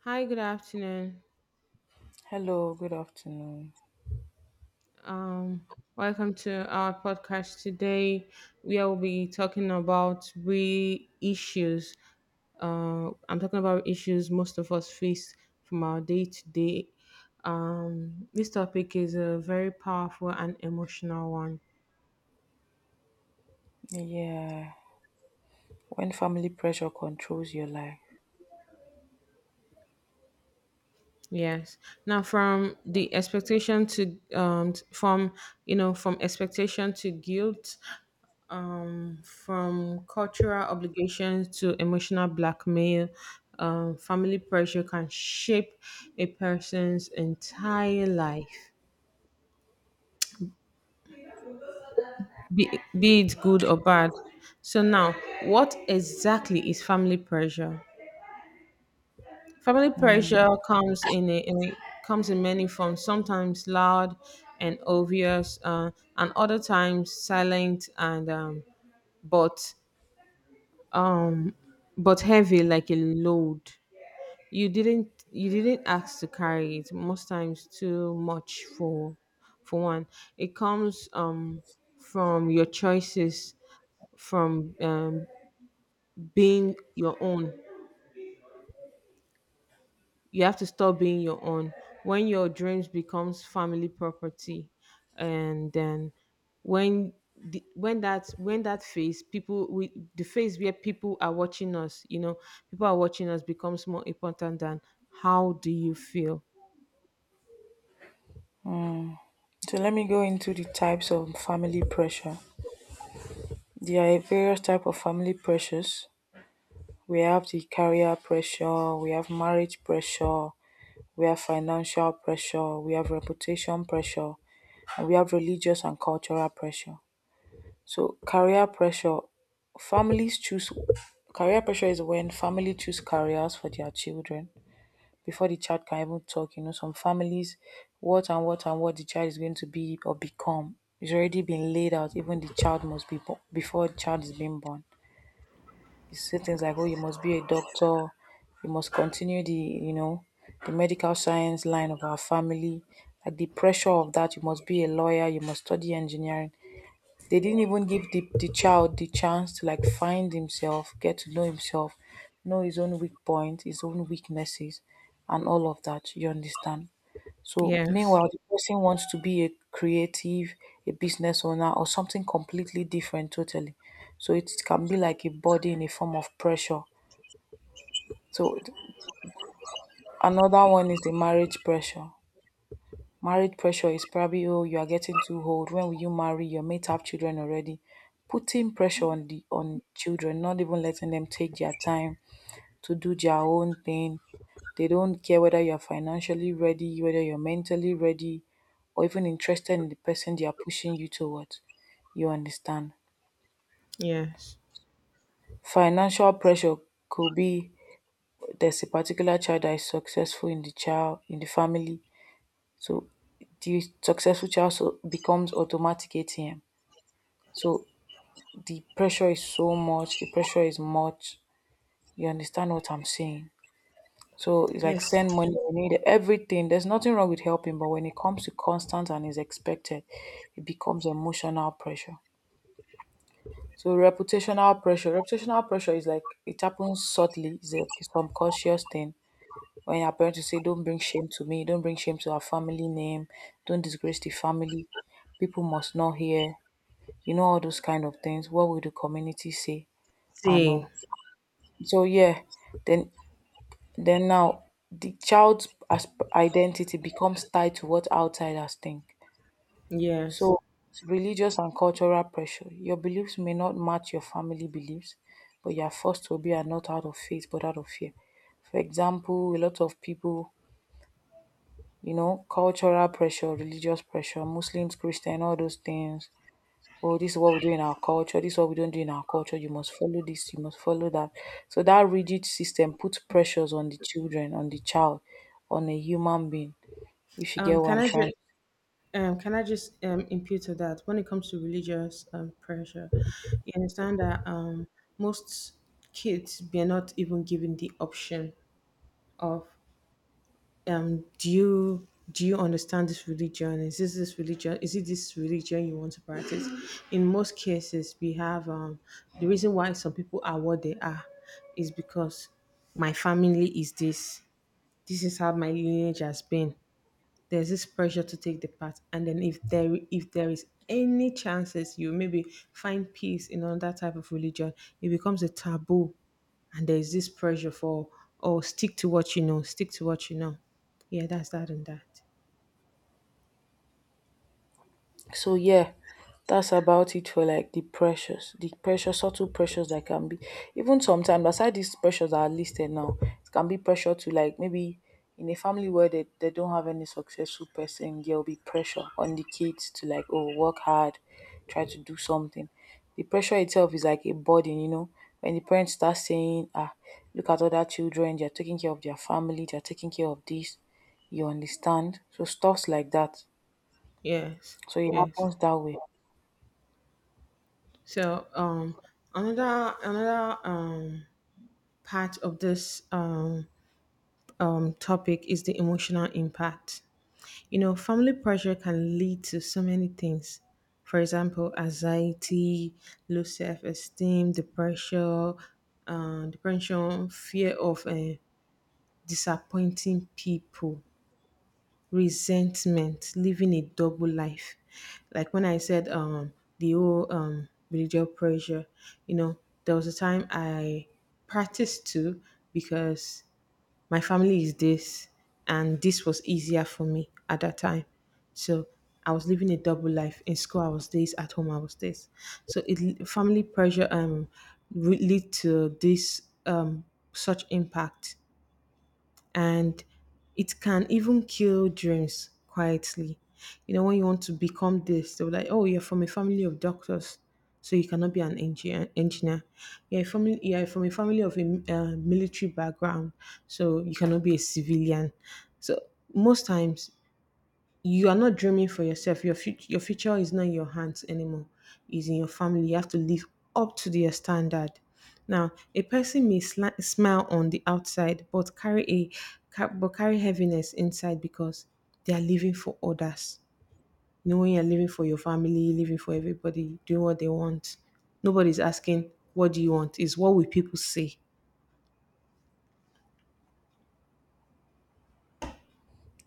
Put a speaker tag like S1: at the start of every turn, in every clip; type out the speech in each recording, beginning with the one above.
S1: Hi, good afternoon.
S2: Hello, good afternoon.
S1: Um, Welcome to our podcast today, where we'll be talking about re issues. I'm talking about issues most of us face from our day to day. This topic is a very powerful and emotional one.
S2: Yeah, when family pressure controls your life.
S1: Yes. Now, from the expectation to t- from you know from expectation to guilt, from cultural obligations to emotional blackmail, family pressure can shape a person's entire life, be, be it good or bad. So, now, what exactly is family pressure? Family pressure
S2: Mm.
S1: comes comes in many forms. Sometimes loud and obvious, and other times silent and but um, but heavy, like a load. You didn't ask to carry it, most times too much for one. It comes from your choices, from being your own. You have to stop being your own when your dreams becomes family property, and then when the, when that phase people we the phase where people are watching us, people are watching us, becomes more important than how do you feel.
S2: So let me go into the types of family pressure. There are various type of family pressures. We have the career pressure, we have marriage pressure, we have financial pressure, we have reputation pressure, and we have religious and cultural pressure. So career pressure, families choose career pressure is when family choose careers for their children before the child can even talk. You know, some families, what and what and what the child is going to be or become is already been laid out. Even the child must be born before the child is being born. You see things like, oh, you must be a doctor, you must continue the, you know, the medical science line of our family. Like the pressure of that, you must be a lawyer, you must study engineering. They didn't even give the child the chance to like find himself, get to know himself, know his own weak points, his own weaknesses, and all of that. You understand? So
S1: Yes.
S2: meanwhile, the person wants to be a creative, a business owner, or something completely different totally. So it can be like a body in a form of pressure. So th- Another one is the marriage pressure. Marriage pressure is probably, oh, you are getting too old. When will you marry? Your mates have children already. Putting pressure on the on children, not even letting them take their time to do their own thing. They don't care whether you're financially ready, whether you're mentally ready, or even interested in the person they are pushing you towards. You understand?
S1: Yes.
S2: Financial pressure could be there's a particular child that is successful in the child in the family. So the successful child so becomes automatic ATM. So the pressure is so much, the pressure is much. You understand what I'm saying? So it's like
S1: Yes.
S2: send money, we need everything. There's nothing wrong with helping, but when it comes to constant and is expected, it becomes emotional pressure. So reputational pressure. Reputational pressure is like it happens subtly, it's a it's subconscious thing. When your parents say, don't bring shame to me, don't bring shame to our family name, don't disgrace the family, people must not hear, you know, all those kind of things. What will the community say? I
S1: See,
S2: know. So yeah, then then now the child's as- identity becomes tied to what outsiders think.
S1: yes.
S2: So religious and cultural pressure. Your beliefs may not match your family beliefs, but you are forced to obey and not out of faith but out of fear. For example, a lot of people, you know, cultural pressure, religious pressure, Muslims, Christian, all those things oh, this is what we do in our culture, this is what we don't do in our culture, you must follow this, you must follow that. So that rigid system puts pressures on the children, on the child, on a human being, if you
S1: Um,
S2: get what
S1: can
S2: I'm
S1: I just
S2: trying.
S1: can I just impute to that, when it comes to religious pressure, you understand that most kids, we are not even given the option of, do you understand this religion? Is this this religion? Is it this religion you want to practice? In most cases, we have the reason why some people are what they are is because my family is this, this is how my lineage has been. There's this pressure to take the part, and then if there is any chances you maybe find peace in another type of religion, it becomes a taboo, and there is this pressure for, oh, stick to what you know, stick to what you know. Yeah, that's that and that.
S2: So yeah, that's about it for like the pressures, the pressure, subtle pressures that can be even sometimes aside these pressures that are listed now, it can be pressure to like maybe in a family where they don't have any successful person, there'll be pressure on the kids to like, oh, work hard, try to do something. The pressure itself is like a burden, you know. When the parents start saying, ah, look at other children, they're taking care of their family, they're taking care of this, you understand? So stuffs like that.
S1: Yes,
S2: So it
S1: yes.
S2: happens that way.
S1: So another part of this topic is the emotional impact. You know, family pressure can lead to so many things. For example, anxiety, low self-esteem, depression, fear of disappointing people, resentment, living a double life. Like when I said, the whole religious pressure, you know, there was a time I practiced too because my family is this, and this was easier for me at that time. So I was living a double life. In school I was this, at home I was this. So it family pressure lead to this such impact. And it can even kill dreams quietly. You know, when you want to become this, they'll be like, oh, you're from a family of doctors, so you cannot be an engineer. You're, a family, you're from a family of a military background, so you cannot be a civilian. So most times you are not dreaming for yourself. Your future is not in your hands anymore. It's in your family. You have to live up to their standard. Now, a person may smile on the outside, but carry heaviness inside because they are living for others. You know, when you're living for your family, living for everybody, doing what they want. Nobody's asking, "What do you want?" It's what will people say?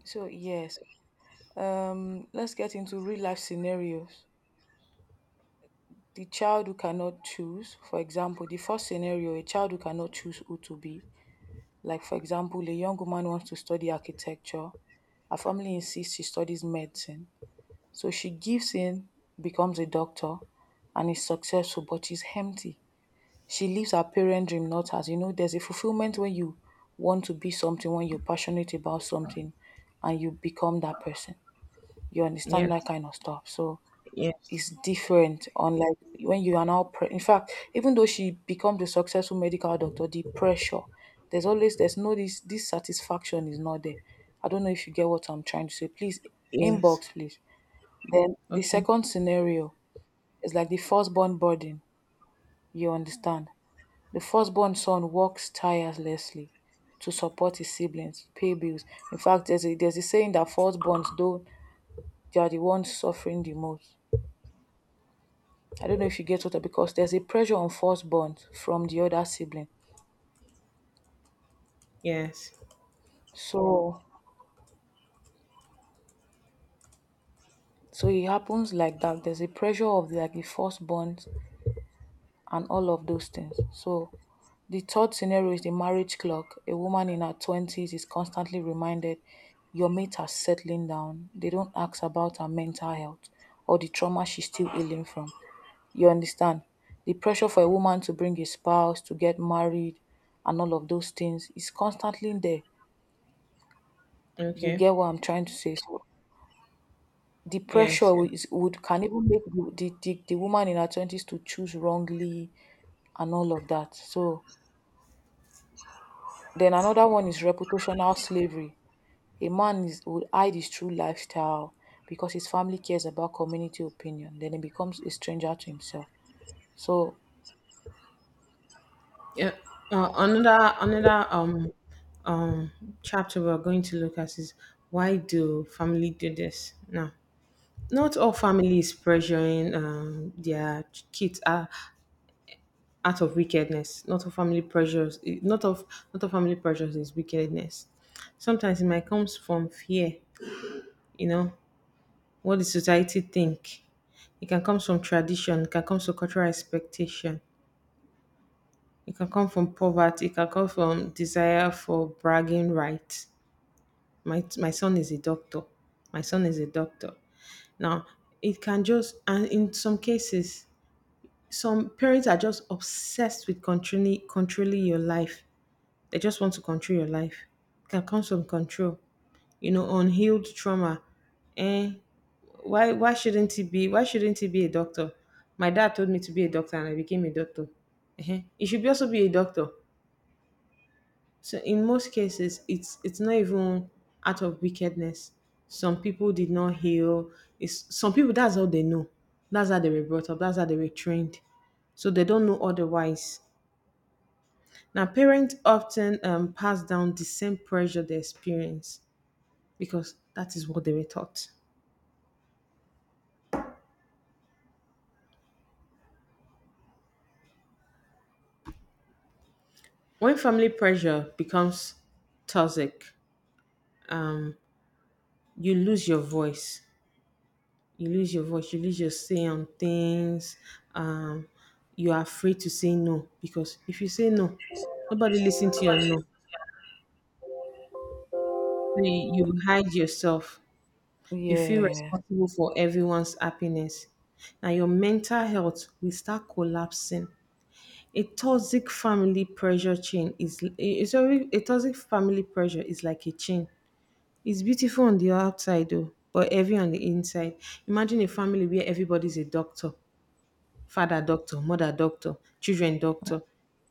S2: So yes, let's get into real life scenarios. The child who cannot choose, for example, the first scenario, a child who cannot choose who to be. Like for example, a young woman wants to study architecture. Her family insists she studies medicine. So she gives in, becomes a doctor, and is successful, but she's empty. She lives her parent dream, not as you know, there's a fulfillment when you want to be something, when you're passionate about something, and you become that person. You understand that
S1: Yes,
S2: kind of stuff. So
S1: yes,
S2: it's different. Unlike when you are now, in fact, even though she becomes a successful medical doctor, the pressure there's always there's no this satisfaction is not there. I don't know if you get what I'm trying to say. Please
S1: yes.
S2: inbox, please. Then the
S1: Okay.
S2: second scenario is like the firstborn burden. You understand? The firstborn son works tirelessly to support his siblings, pay bills. In fact, there's a saying that firstborns though they are the ones suffering the most. I don't know if you get what I because there's a pressure on firstborn from the other sibling.
S1: Yes.
S2: So so it happens like that. There's a pressure of like the firstborn and all of those things. So the third scenario is the marriage clock. A woman in her twenties is constantly reminded your mates are settling down. They don't ask about her mental health or the trauma she's still healing from. You understand? The pressure for a woman to bring a spouse, to get married, and all of those things is constantly there. You
S1: Okay.
S2: get what I'm trying to say? So the
S1: Yes. Yes.
S2: is, would can even make the woman in her twenties to choose wrongly and all of that. So then another one is reputational slavery. A man is would hide his true lifestyle because his family cares about community opinion. Then he becomes a stranger to himself. So
S1: Yeah. Another um chapter we're going to look at is, why do family do this? Now, not all families pressuring their kids are out of wickedness. Not all family pressures. Not all family pressures is wickedness. Sometimes it might comes from fear. You know what the society think. It can come from tradition. It can come from cultural expectation. It can come from poverty. It can come from desire for bragging rights. My son is a doctor. My son is a doctor. Now, it can just, and in some cases, some parents are just obsessed with controlling your life. They just want to control your life. Can come from control, you know, unhealed trauma. Eh? Why shouldn't he be? Why shouldn't he be a doctor? My dad told me to be a doctor, and I became a doctor. Eh? He should be also be a doctor. So in most cases, it's not even out of wickedness. Some people did not heal. It's some people, that's all they know. That's how they were brought up. That's how they were trained. So they don't know otherwise. Now parents often pass down the same pressure they experience because that is what they were taught. When family pressure becomes toxic, um, you lose your voice. You lose your voice, you lose your say on things. Um, you are afraid to say no, because if you say no, nobody listen to your no. So you hide yourself. You feel
S2: yeah,
S1: responsible for everyone's happiness. Now your mental health will start collapsing. A toxic family pressure chain is it's already a toxic family pressure is like a chain. It's beautiful on the outside though, but heavy on the inside. Imagine a family where everybody's a doctor, father doctor, mother doctor, children doctor.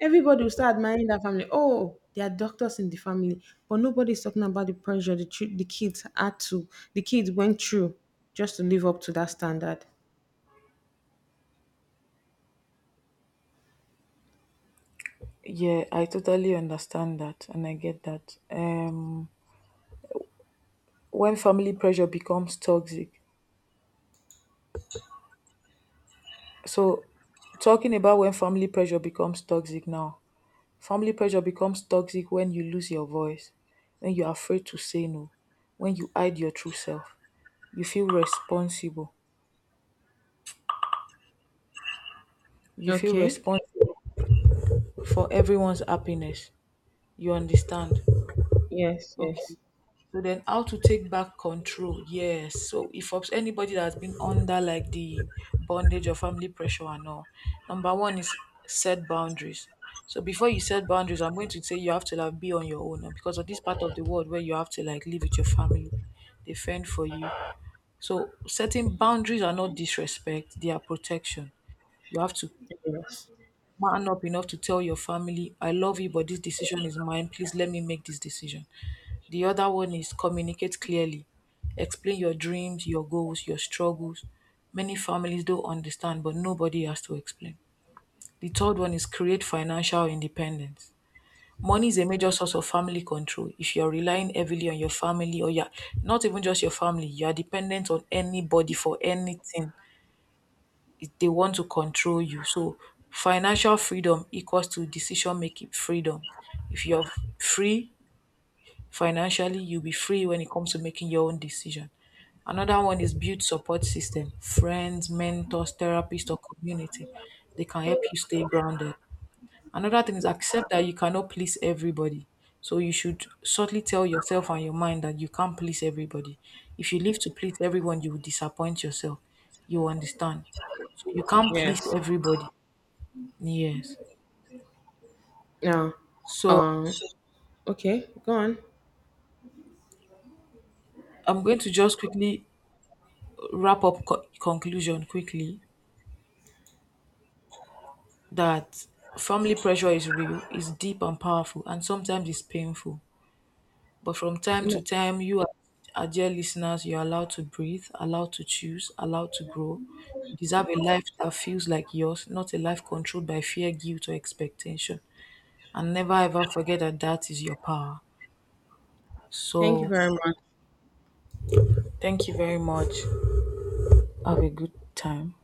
S1: Everybody will start admiring that family, oh, there are doctors in the family, but nobody's talking about the pressure the kids went through just to live up to that standard.
S2: yeah, I totally understand that and I get that. When family pressure becomes toxic, so, talking about when family pressure becomes toxic now, family pressure becomes toxic when you lose your voice, when you're afraid to say no, when you hide your true self. You feel responsible. You feel
S1: Okay.
S2: responsible for everyone's happiness. You understand?
S1: Yes,
S2: Okay.
S1: yes,
S2: So then how to take back control. Yes. So if anybody that's been under like the bondage or family pressure and all, number one is set boundaries. So before you set boundaries, I'm going to say you have to like be on your own and because of this part of the world where you have to like live with your family, they fend for you. So setting boundaries are not disrespect, they are protection. You have to
S1: yes,
S2: man up enough to tell your family, I love you, but this decision is mine. Please let me make this decision. The other one is communicate clearly. Explain your dreams, your goals, your struggles. Many families don't understand, but nobody has to explain. The third one is create financial independence. Money is a major source of family control. If you're relying heavily on your family or you're not even just your family, you're dependent on anybody for anything, they want to control you. So, financial freedom equals to decision making freedom. If you're free, financially, you'll be free when it comes to making your own decision. Another one is build support system, friends, mentors, therapists, or community. They can help you stay grounded. Another thing is accept that you cannot please everybody. So you should subtly tell yourself and your mind that you can't please everybody. If you live to please everyone, you will disappoint yourself. You understand. So you can't please
S1: yes.
S2: everybody. Yes.
S1: Now,
S2: So
S1: um okay, go on.
S2: I'm going to just quickly wrap up conclusion quickly. That family pressure is real, is deep and powerful, and sometimes it's painful. But from time to
S1: No,
S2: time, you, are dear listeners, you're allowed to breathe, allowed to choose, allowed to grow. You deserve a life that feels like yours, not a life controlled by fear, guilt, or expectation. And never ever forget that that is your power.
S1: thank you
S2: So,
S1: very much.
S2: thank you very much. Have a good time.